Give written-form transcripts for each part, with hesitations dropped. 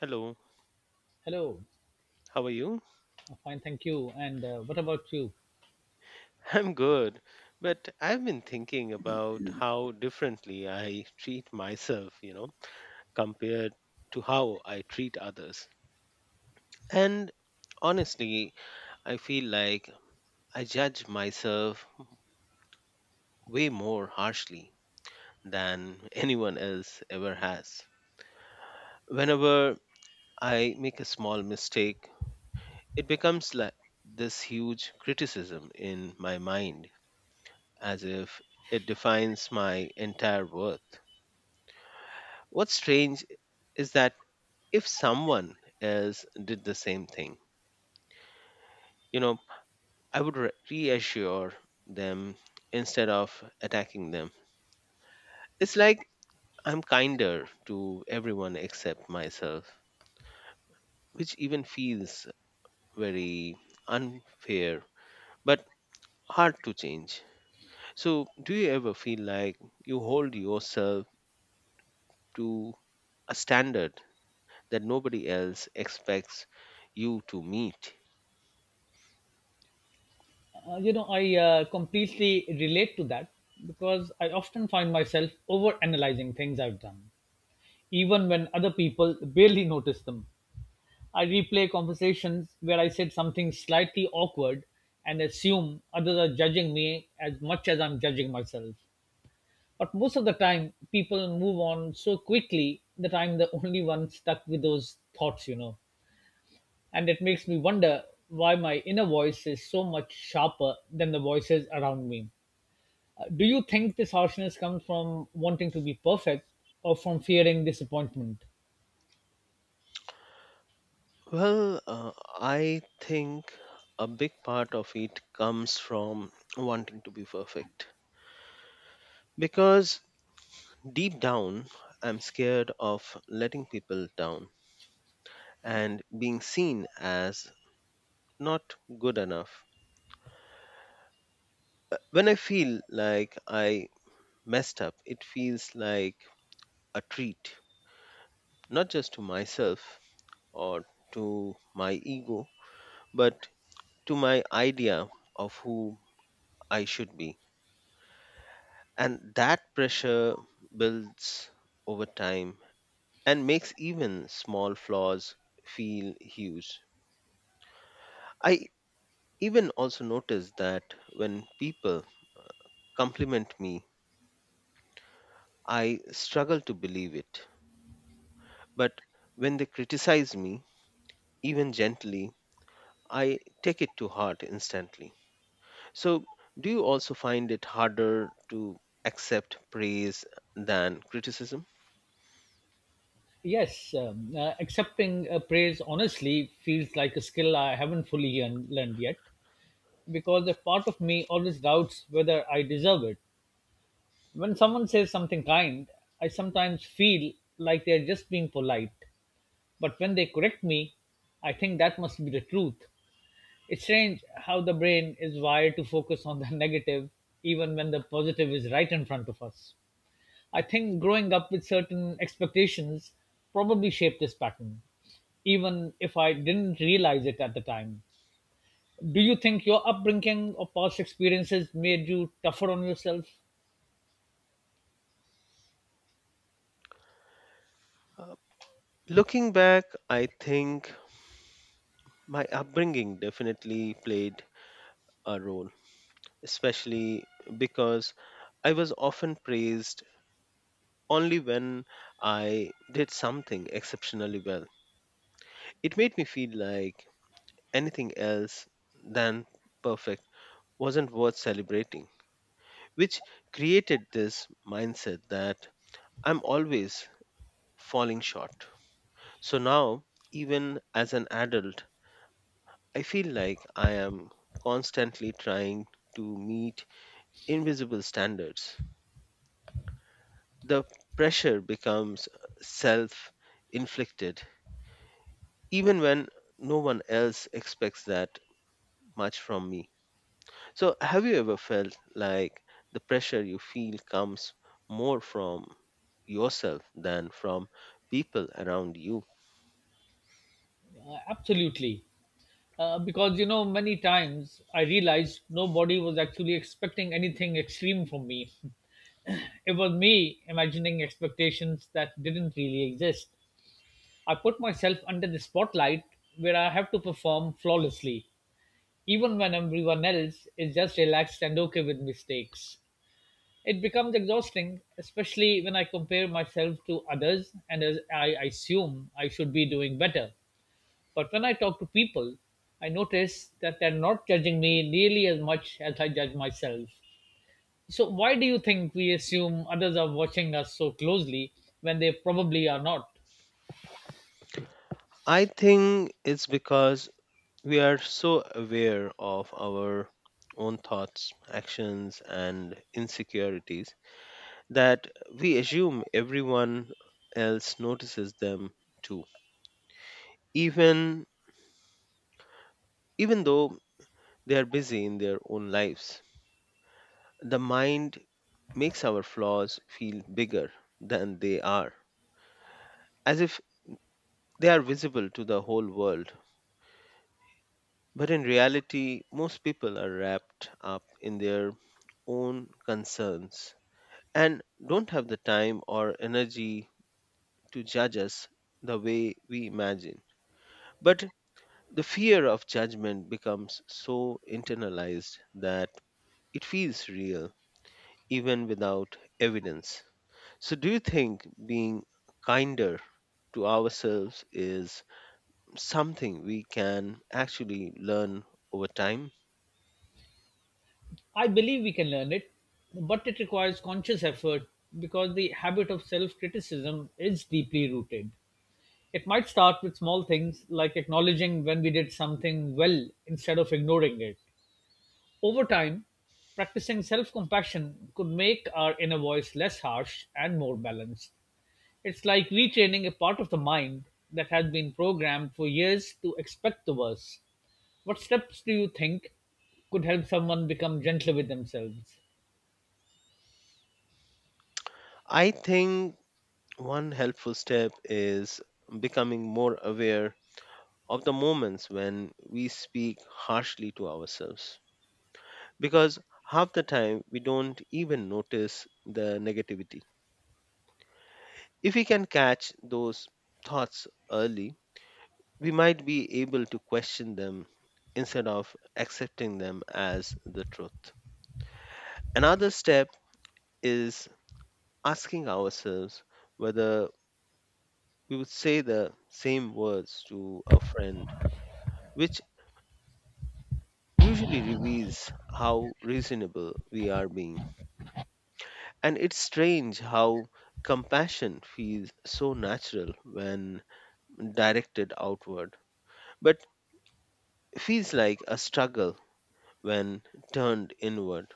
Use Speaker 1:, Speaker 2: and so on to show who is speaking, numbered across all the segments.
Speaker 1: Hello,
Speaker 2: Hello.
Speaker 1: how are you?
Speaker 2: Fine, thank you. And what about you?
Speaker 1: I'm good, but I've been thinking about how differently I treat myself, compared to how I treat others. And honestly, I feel like I judge myself way more harshly than anyone else ever has. Whenever I make a small mistake, it becomes like this huge criticism in my mind, as if it defines my entire worth. What's strange is that if someone else did the same thing, you know, reassure them instead of attacking them. It's like I'm kinder to everyone except myself, which even feels very unfair but hard to change. So, do you ever feel like you hold yourself to a standard that nobody else expects you to meet?
Speaker 2: I completely relate to that because I often find myself over analyzing things I've done, even when other people barely notice them. I replay conversations where I said something slightly awkward and assume others are judging me as much as I'm judging myself. But most of the time, people move on so quickly that I'm the only one stuck with those thoughts. And it makes me wonder why my inner voice is so much sharper than the voices around me. Do you think this harshness comes from wanting to be perfect or from fearing disappointment?
Speaker 1: Well, uh, I think a big part of it comes from wanting to be perfect. Because deep down, I'm scared of letting people down and being seen as not good enough. When I feel like I messed up, it feels like a treat, not just to myself or to my ego, but to my idea of who I should be. And that pressure builds over time and makes even small flaws feel huge. I even also notice that when people compliment me, I struggle to believe it. But when they criticize me, even gently, I take it to heart instantly. So, do you also find it harder to accept praise than criticism?
Speaker 2: Yes, accepting praise honestly feels like a skill I haven't fully learned yet because a part of me always doubts whether I deserve it. When someone says something kind, I sometimes feel like they're just being polite. But when they correct me, I think that must be the truth. It's strange how the brain is wired to focus on the negative even when the positive is right in front of us. I think growing up with certain expectations probably shaped this pattern, even if I didn't realize it at the time. Do you think your upbringing or past experiences made you tougher on yourself?
Speaker 1: Uh, looking back, I think my upbringing definitely played a role, especially because I was often praised only when I did something exceptionally well. It made me feel like anything else than perfect wasn't worth celebrating, which created this mindset that I'm always falling short. So now, even as an adult, I feel like I am constantly trying to meet invisible standards. The pressure becomes self inflicted, even when no one else expects that much from me. So, have you ever felt like the pressure you feel comes more from yourself than from people around you?
Speaker 2: Absolutely. Because, you know, many times I realized nobody was actually expecting anything extreme from me. It was me imagining expectations that didn't really exist. I put myself under the spotlight where I have to perform flawlessly, even when everyone else is just relaxed and okay with mistakes. It becomes exhausting, especially when I compare myself to others and as I assume I should be doing better. But when I talk to people, I notice that they're not judging me nearly as much as I judge myself. So, why do you think we assume others are watching us so closely when they probably are not?
Speaker 1: I think it's because we are so aware of our own thoughts, actions, and insecurities that we assume everyone else notices them too, even even though they are busy in their own lives. The mind makes our flaws feel bigger than they are, as if they are visible to the whole world. But in reality, most people are wrapped up in their own concerns and don't have the time or energy to judge us the way we imagine. But the fear of judgment becomes so internalized that it feels real even without evidence. So, do you think being kinder to ourselves is something we can actually learn over time?
Speaker 2: I believe we can learn it, but it requires conscious effort because the habit of self criticism is deeply rooted. It might start with small things like acknowledging when we did something well instead of ignoring it. Over time, practicing self compassion could make our inner voice less harsh and more balanced. It's like retraining a part of the mind that has been programmed for years to expect the worst. What steps do you think could help someone become gentler with themselves?
Speaker 1: I think one helpful step is becoming more aware of the moments when we speak harshly to ourselves, because half the time we don't even notice the negativity. If we can catch those thoughts early, we might be able to question them instead of accepting them as the truth. Another step is asking ourselves whether we would say the same words to a friend, which usually reveals how reasonable we are being. And it's strange how compassion feels so natural when directed outward, but feels like a struggle when turned inward.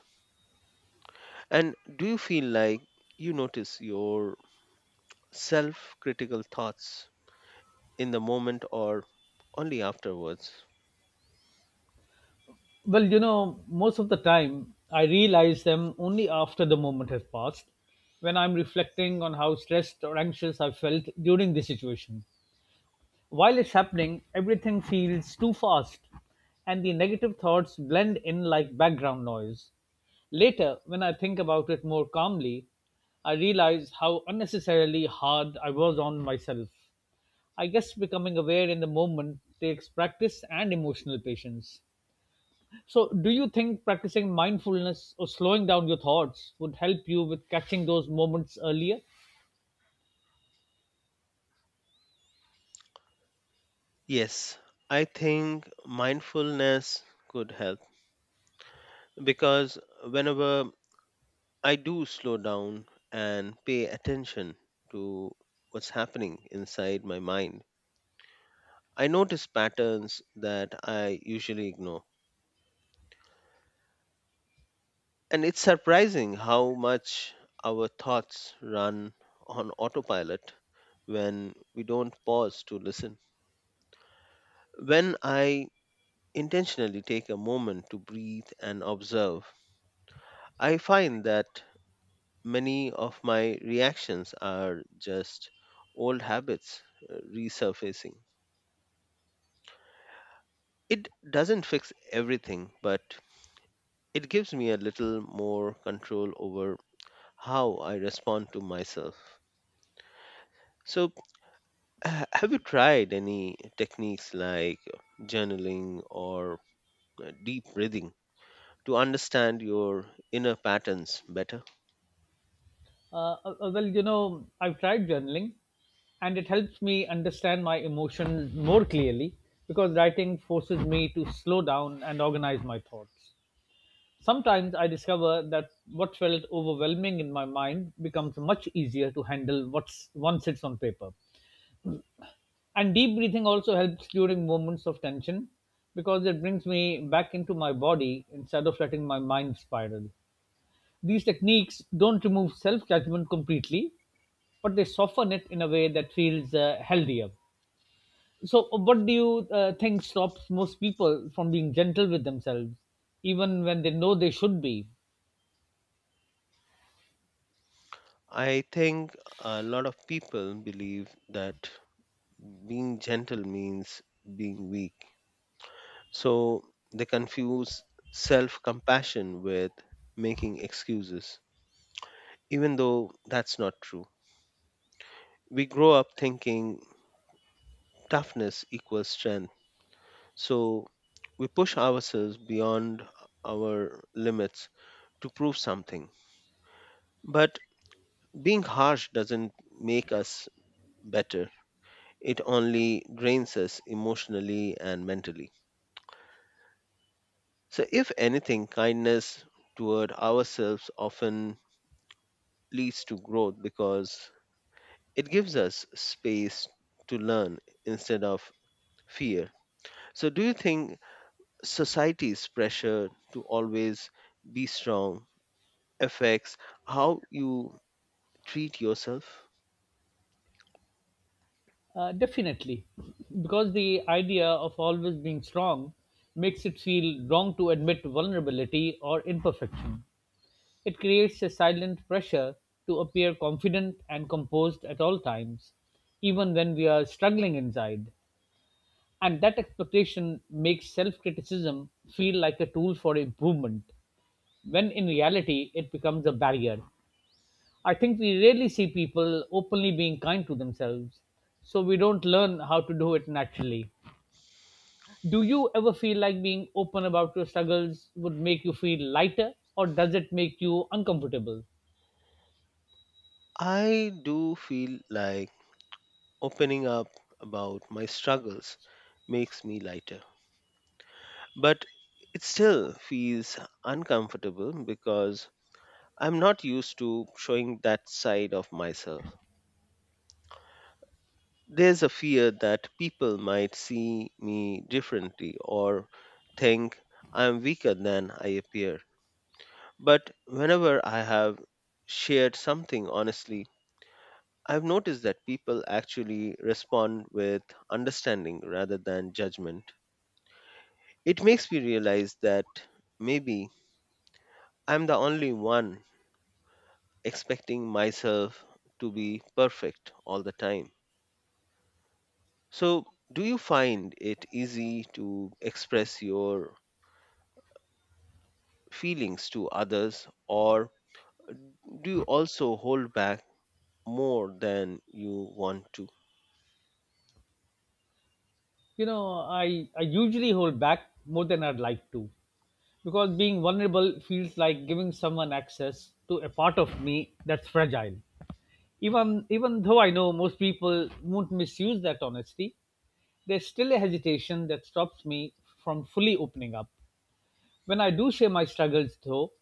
Speaker 1: And do you feel like you notice your self critical thoughts in the moment or only afterwards?
Speaker 2: Well, you know, most of the time I realize them only after the moment has passed, when I'm reflecting on how stressed or anxious I felt during the situation. While it's happening, everything feels too fast, and the negative thoughts blend in like background noise. Later, when I think about it more calmly, I realize how unnecessarily hard I was on myself. I guess becoming aware in the moment takes practice and emotional patience. So, do you think practicing mindfulness or slowing down your thoughts would help you with catching those moments earlier?
Speaker 1: Yes, I think mindfulness could help, because whenever I do slow down and pay attention to what's happening inside my mind, I notice patterns that I usually ignore. And it's surprising how much our thoughts run on autopilot when we don't pause to listen. When I intentionally take a moment to breathe and observe, I find that many of my reactions are just old habits resurfacing. It doesn't fix everything, but it gives me a little more control over how I respond to myself. So, have you tried any techniques like journaling or deep breathing to understand your inner patterns better?
Speaker 2: Well, you know, I've tried journaling and it helps me understand my emotions more clearly because writing forces me to slow down and organize my thoughts. Sometimes I discover that what felt overwhelming in my mind becomes much easier to handle what's, once it's on paper. And deep breathing also helps during moments of tension because it brings me back into my body instead of letting my mind spiral. These techniques don't remove self judgment completely, but they soften it in a way that feels healthier. So, what do you think stops most people from being gentle with themselves, even when they know they should be?
Speaker 1: I think a lot of people believe that being gentle means being weak. So they confuse self compassion with making excuses, even though that's not true. We grow up thinking toughness equals strength. So we push ourselves beyond our limits to prove something. But being harsh doesn't make us better, it only drains us emotionally and mentally. So, if anything, kindness toward ourselves often leads to growth because it gives us space to learn instead of fear. So, do you think society's pressure to always be strong affects how you treat yourself?
Speaker 2: Definitely, because the idea of always being strong makes it feel wrong to admit vulnerability or imperfection. It creates a silent pressure to appear confident and composed at all times, even when we are struggling inside. And that expectation makes self criticism feel like a tool for improvement, when in reality, it becomes a barrier. I think we rarely see people openly being kind to themselves, so we don't learn how to do it naturally. Do you ever feel like being open about your struggles would make you feel lighter, or does it make you uncomfortable?
Speaker 1: I do feel like opening up about my struggles makes me lighter, but it still feels uncomfortable because I'm not used to showing that side of myself. There's a fear that people might see me differently or think I'm weaker than I appear. But whenever I have shared something honestly, I've noticed that people actually respond with understanding rather than judgment. It makes me realize that maybe I'm the only one expecting myself to be perfect all the time. So, do you find it easy to express your feelings to others, or do you also hold back more than you want to?
Speaker 2: You know, I usually hold back more than I'd like to because being vulnerable feels like giving someone access to a part of me that's fragile. Even though I know most people won't misuse that honesty, there's still a hesitation that stops me from fully opening up. When I do share my struggles though,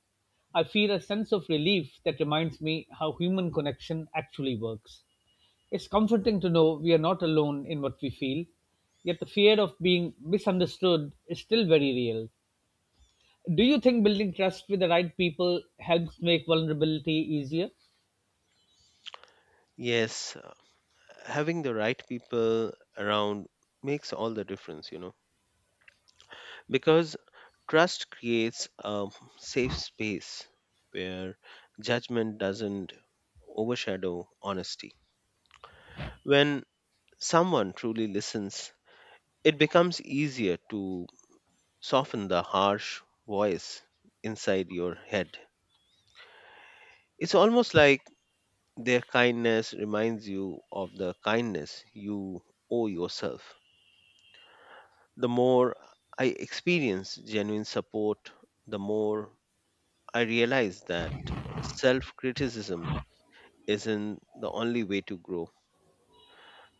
Speaker 2: I feel a sense of relief that reminds me how human connection actually works. It's comforting to know we are not alone in what we feel, yet the fear of being misunderstood is still very real. Do you think building trust with the right people helps make vulnerability easier?
Speaker 1: Yes, having the right people around makes all the difference, Because trust creates a safe space where judgment doesn't overshadow honesty. When someone truly listens, it becomes easier to soften the harsh voice inside your head. It's almost like their kindness reminds you of the kindness you owe yourself. The more I experience genuine support, the more I realized that self criticism isn't the only way to grow.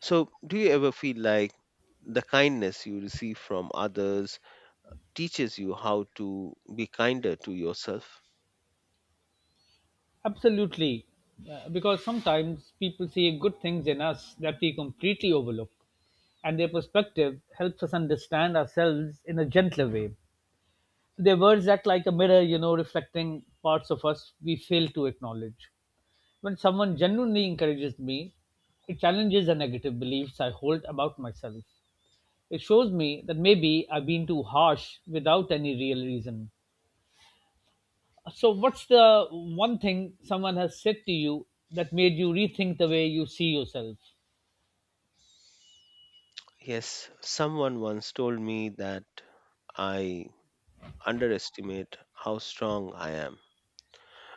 Speaker 1: So, do you ever feel like the kindness you receive from others teaches you how to be kinder to yourself?
Speaker 2: Absolutely. Because sometimes people see good things in us that we completely overlook, and their perspective helps us understand ourselves in a gentler way. Their words act like a mirror, you know, reflecting parts of us we fail to acknowledge. When someone genuinely encourages me, it challenges the negative beliefs I hold about myself. It shows me that maybe I've been too harsh without any real reason. So, what's the one thing someone has said to you that made you rethink the way you see yourself?
Speaker 1: Yes, someone once told me that I underestimate how strong I am.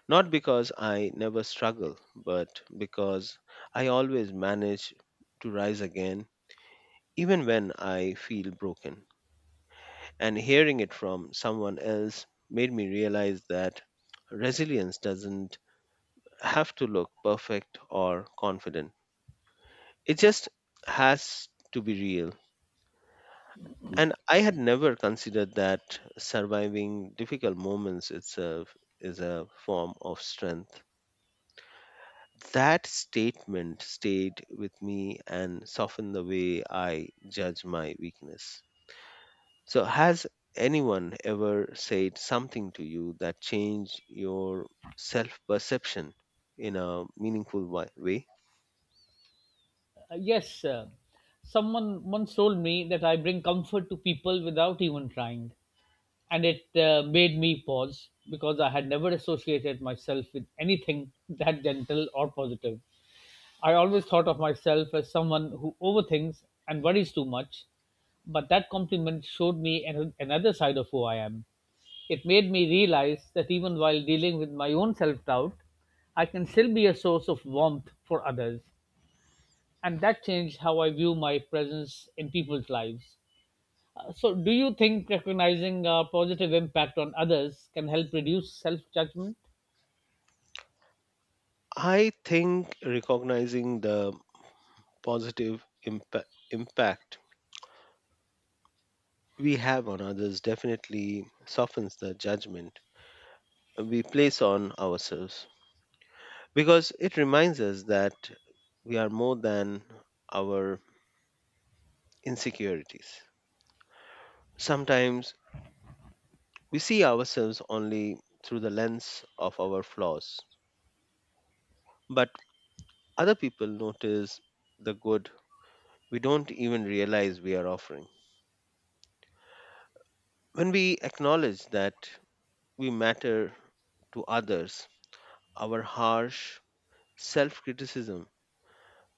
Speaker 1: Not because I never struggle, but because I always manage to rise again, even when I feel broken. And hearing it from someone else made me realize that resilience doesn't have to look perfect or confident. It just has to be real. And I had never considered that surviving difficult moments itself is a form of strength. That statement stayed with me and softened the way I judge my weakness. So, has anyone ever said something to you that changed your self perception in a meaningful way?
Speaker 2: Yes, someone once told me that I bring comfort to people without even trying, and it made me pause because I had never associated myself with anything that gentle or positive. I always thought of myself as someone who overthinks and worries too much, but that compliment showed me another side of who I am. It made me realize that even while dealing with my own self doubt, I can still be a source of warmth for others. And that changed how I view my presence in people's lives. So, do you think recognizing a positive impact on others can help reduce self judgment?
Speaker 1: I think recognizing the positive impact we have on others definitely softens the judgment we place on ourselves, because it reminds us that we are more than our insecurities. Sometimes we see ourselves only through the lens of our flaws, but other people notice the good we don't even realize we are offering. When we acknowledge that we matter to others, our harsh self criticism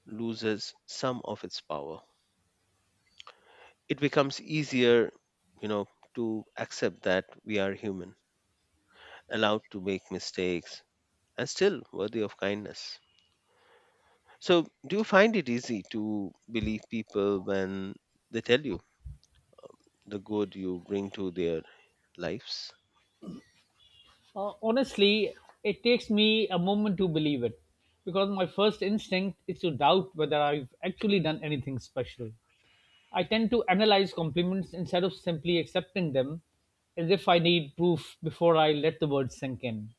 Speaker 1: loses some of its power. It becomes easier, you know, to accept that we are human, allowed to make mistakes, and still worthy of kindness. So, do you find it easy to believe people when they tell you the good you bring to their lives?
Speaker 2: Honestly, it takes me a moment to believe it because my first instinct is to doubt whether I've actually done anything special. I tend to analyze compliments instead of simply accepting them as if I need proof before I let the words sink in.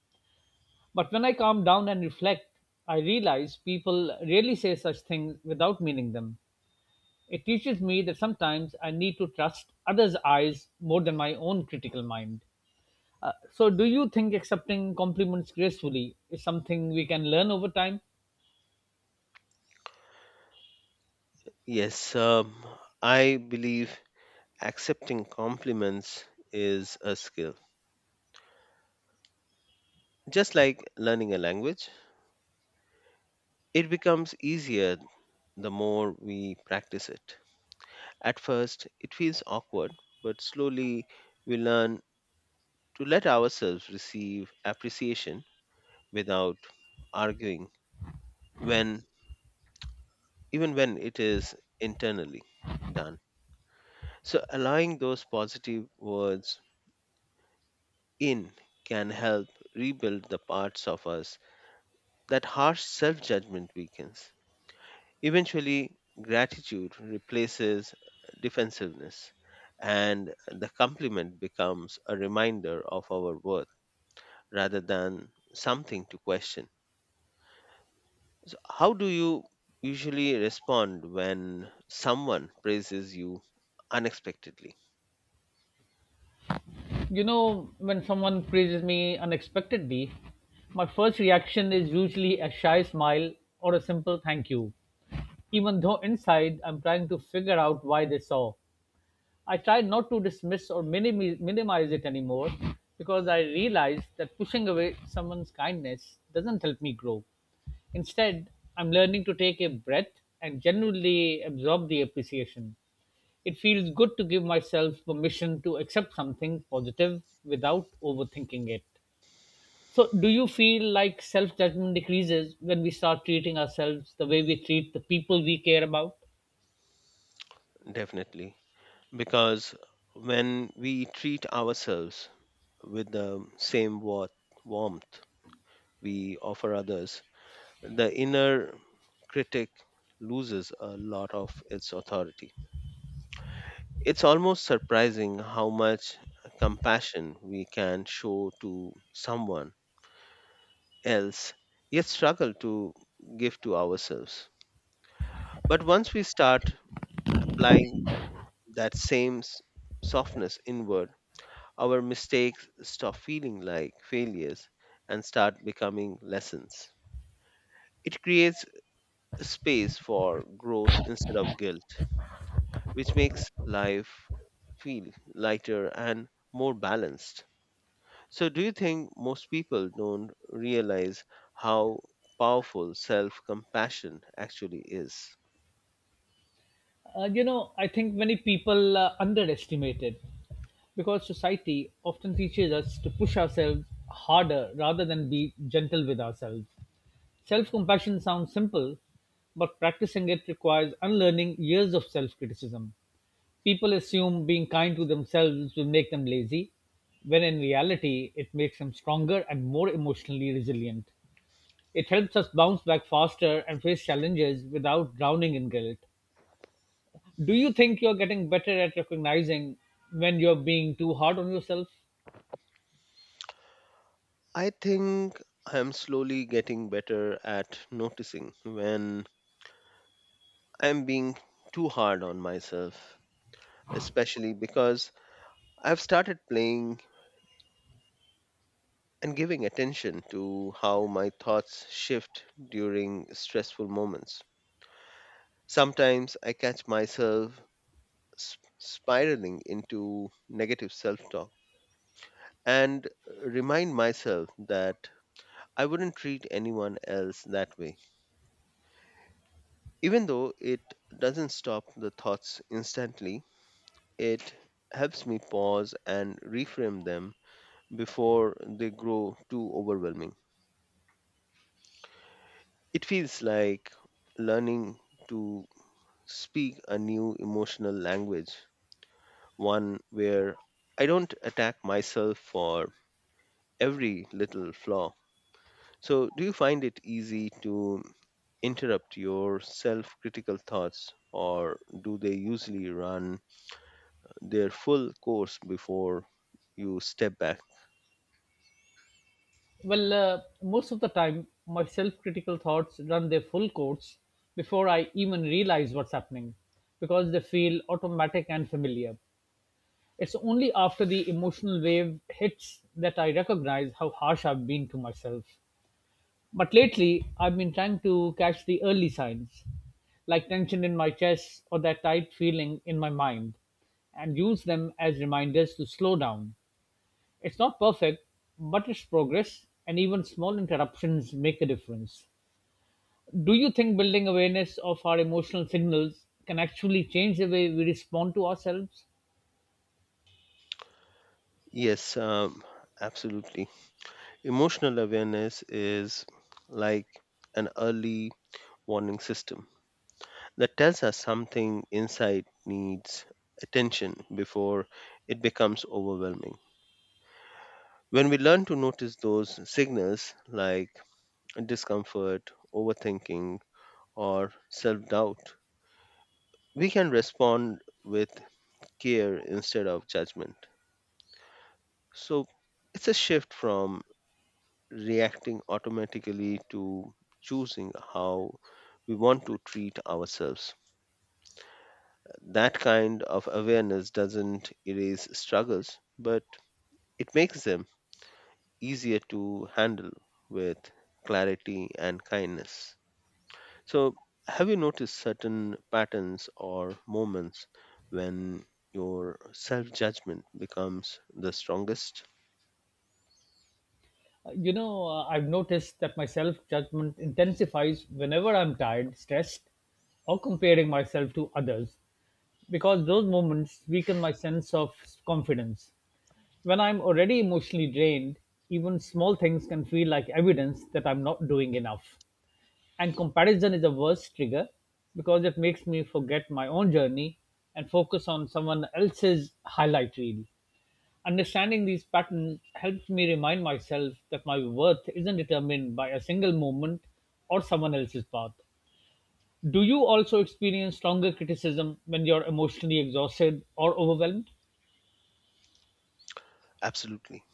Speaker 2: But when I calm down and reflect, I realize people really say such things without meaning them. It teaches me that sometimes I need to trust others' eyes more than my own critical mind. So, do you think accepting compliments gracefully is something we can learn over time?
Speaker 1: Yes, I believe accepting compliments is a skill. Just like learning a language, it becomes easier the more we practice it. At first, it feels awkward, but slowly we learn to let ourselves receive appreciation without arguing, When even when it is internally done. So, allowing those positive words in can help rebuild the parts of us that harsh self judgment weakens. Eventually, gratitude replaces defensiveness, and the compliment becomes a reminder of our worth rather than something to question. So, how do you usually respond when someone praises you unexpectedly?
Speaker 2: You know, when someone praises me unexpectedly, my first reaction is usually a shy smile or a simple thank you, even though inside I'm trying to figure out why they saw. I try not to dismiss or minimize it anymore because I realize that pushing away someone's kindness doesn't help me grow. Instead, I'm learning to take a breath and genuinely absorb the appreciation. It feels good to give myself permission to accept something positive without overthinking it. So, do you feel like self judgment decreases when we start treating ourselves the way we treat the people we care about?
Speaker 1: Definitely, because when we treat ourselves with the same warmth we offer others, the inner critic loses a lot of its authority. It's almost surprising how much compassion we can show to someone else, yet struggle to give to ourselves. But once we start applying that same softness inward, our mistakes stop feeling like failures and start becoming lessons. It creates space for growth instead of guilt, which makes life feel lighter and more balanced. So, do you think most people don't realize how powerful self compassion actually is?
Speaker 2: You know, I think many people underestimate it because society often teaches us to push ourselves harder rather than be gentle with ourselves. Self compassion sounds simple, but practicing it requires unlearning years of self criticism. People assume being kind to themselves will make them lazy, when in reality, it makes them stronger and more emotionally resilient. It helps us bounce back faster and face challenges without drowning in guilt. Do you think you're getting better at recognizing when you're being too hard on yourself?
Speaker 1: I think I'm slowly getting better at noticing when I'm being too hard on myself, especially because I've started playing and giving attention to how my thoughts shift during stressful moments. Sometimes I catch myself spiraling into negative self talk and remind myself that I wouldn't treat anyone else that way. Even though it doesn't stop the thoughts instantly, it helps me pause and reframe them before they grow too overwhelming. It feels like learning to speak a new emotional language, one where I don't attack myself for every little flaw. So, do you find it easy to interrupt your self critical thoughts, or do they usually run their full course before you step back?
Speaker 2: Well, most of the time, my self critical thoughts run their full course before I even realize what's happening because they feel automatic and familiar. It's only after the emotional wave hits that I recognize how harsh I've been to myself. But lately, I've been trying to catch the early signs, like tension in my chest or that tight feeling in my mind, and use them as reminders to slow down. It's not perfect, but it's progress, and even small interruptions make a difference. Do you think building awareness of our emotional signals can actually change the way we respond to ourselves?
Speaker 1: Yes, absolutely. Emotional awareness is like an early warning system that tells us something inside needs attention before it becomes overwhelming. When we learn to notice those signals like discomfort, overthinking, or self doubt, we can respond with care instead of judgment. So it's a shift from reacting automatically to choosing how we want to treat ourselves. That kind of awareness doesn't erase struggles, but it makes them easier to handle with clarity and kindness. So, have you noticed certain patterns or moments when your self judgment becomes the strongest?
Speaker 2: I've noticed that my self judgment intensifies whenever I'm tired, stressed, or comparing myself to others because those moments weaken my sense of confidence. When I'm already emotionally drained, even small things can feel like evidence that I'm not doing enough. And comparison is the worst trigger because it makes me forget my own journey and focus on someone else's highlight reel. Understanding these patterns helps me remind myself that my worth isn't determined by a single moment or someone else's path. Do you also experience stronger criticism when you're emotionally exhausted or overwhelmed?
Speaker 1: Absolutely.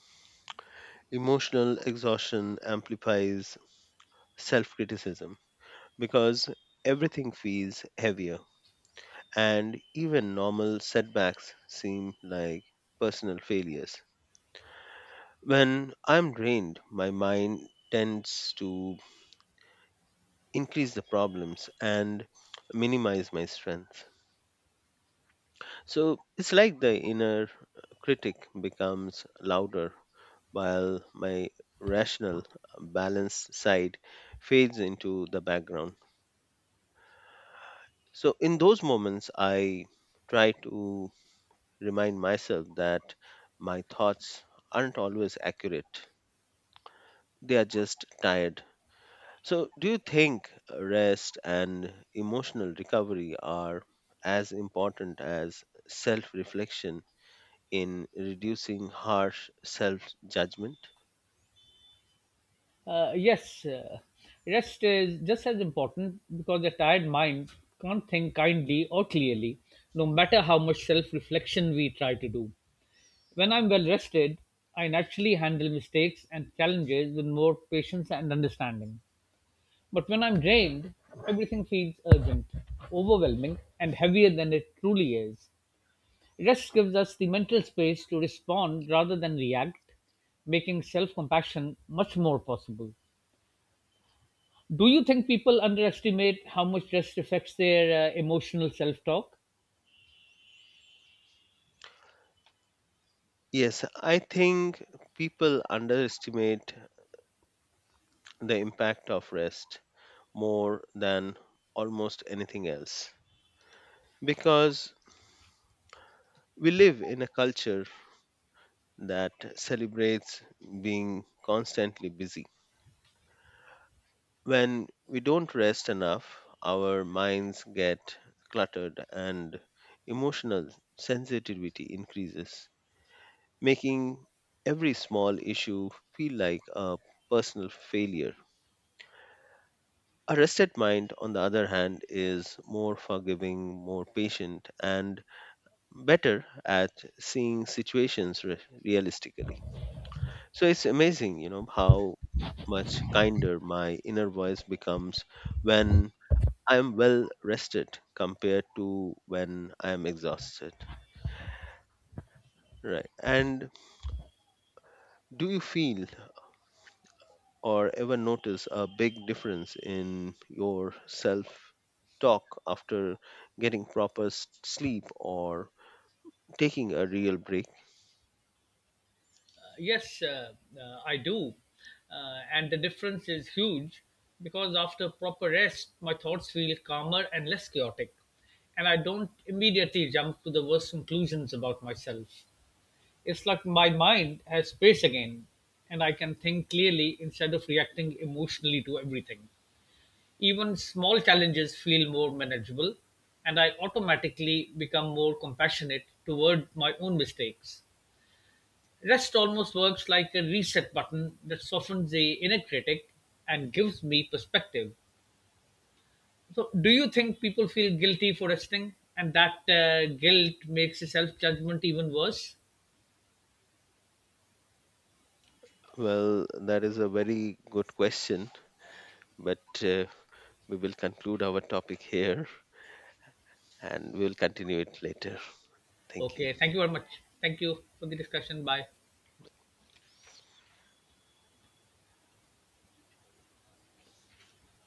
Speaker 1: Emotional exhaustion amplifies self criticism because everything feels heavier, and even normal setbacks seem like personal failures. When I'm drained, my mind tends to increase the problems and minimize my strength. So it's like the inner critic becomes louder while my rational, balanced side fades into the background. So in those moments, I try to remind myself that my thoughts aren't always accurate, they are just tired. So, do you think rest and emotional recovery are as important as self reflection in reducing harsh self judgment?
Speaker 2: Yes, rest is just as important because a tired mind can't think kindly or clearly, no matter how much self reflection we try to do. When I'm well rested, I naturally handle mistakes and challenges with more patience and understanding. But when I'm drained, everything feels urgent, overwhelming, and heavier than it truly is. Rest gives us the mental space to respond rather than react, making self compassion much more possible. Do you think people underestimate how much rest affects their emotional self talk?
Speaker 1: Yes, I think people underestimate the impact of rest more than almost anything else, because we live in a culture that celebrates being constantly busy. When we don't rest enough, our minds get cluttered and emotional sensitivity increases, making every small issue feel like a personal failure. A rested mind, on the other hand, is more forgiving, more patient, and better at seeing situations realistically. So it's amazing, how much kinder my inner voice becomes when I am well rested compared to when I am exhausted. Right. And do you feel or ever notice a big difference in your self talk after getting proper sleep or taking a real break?
Speaker 2: Yes, I do. And the difference is huge because after proper rest, my thoughts feel calmer and less chaotic. And I don't immediately jump to the worst conclusions about myself. It's like my mind has space again, and I can think clearly instead of reacting emotionally to everything. Even small challenges feel more manageable, and I automatically become more compassionate toward my own mistakes. Rest almost works like a reset button that softens the inner critic and gives me perspective. So, do you think people feel guilty for resting, and that guilt makes the self judgment even worse?
Speaker 1: Well, that is a very good question, but we will conclude our topic here and we'll continue it later. Thank you.
Speaker 2: Okay, thank you very much. Thank you for the discussion. Bye.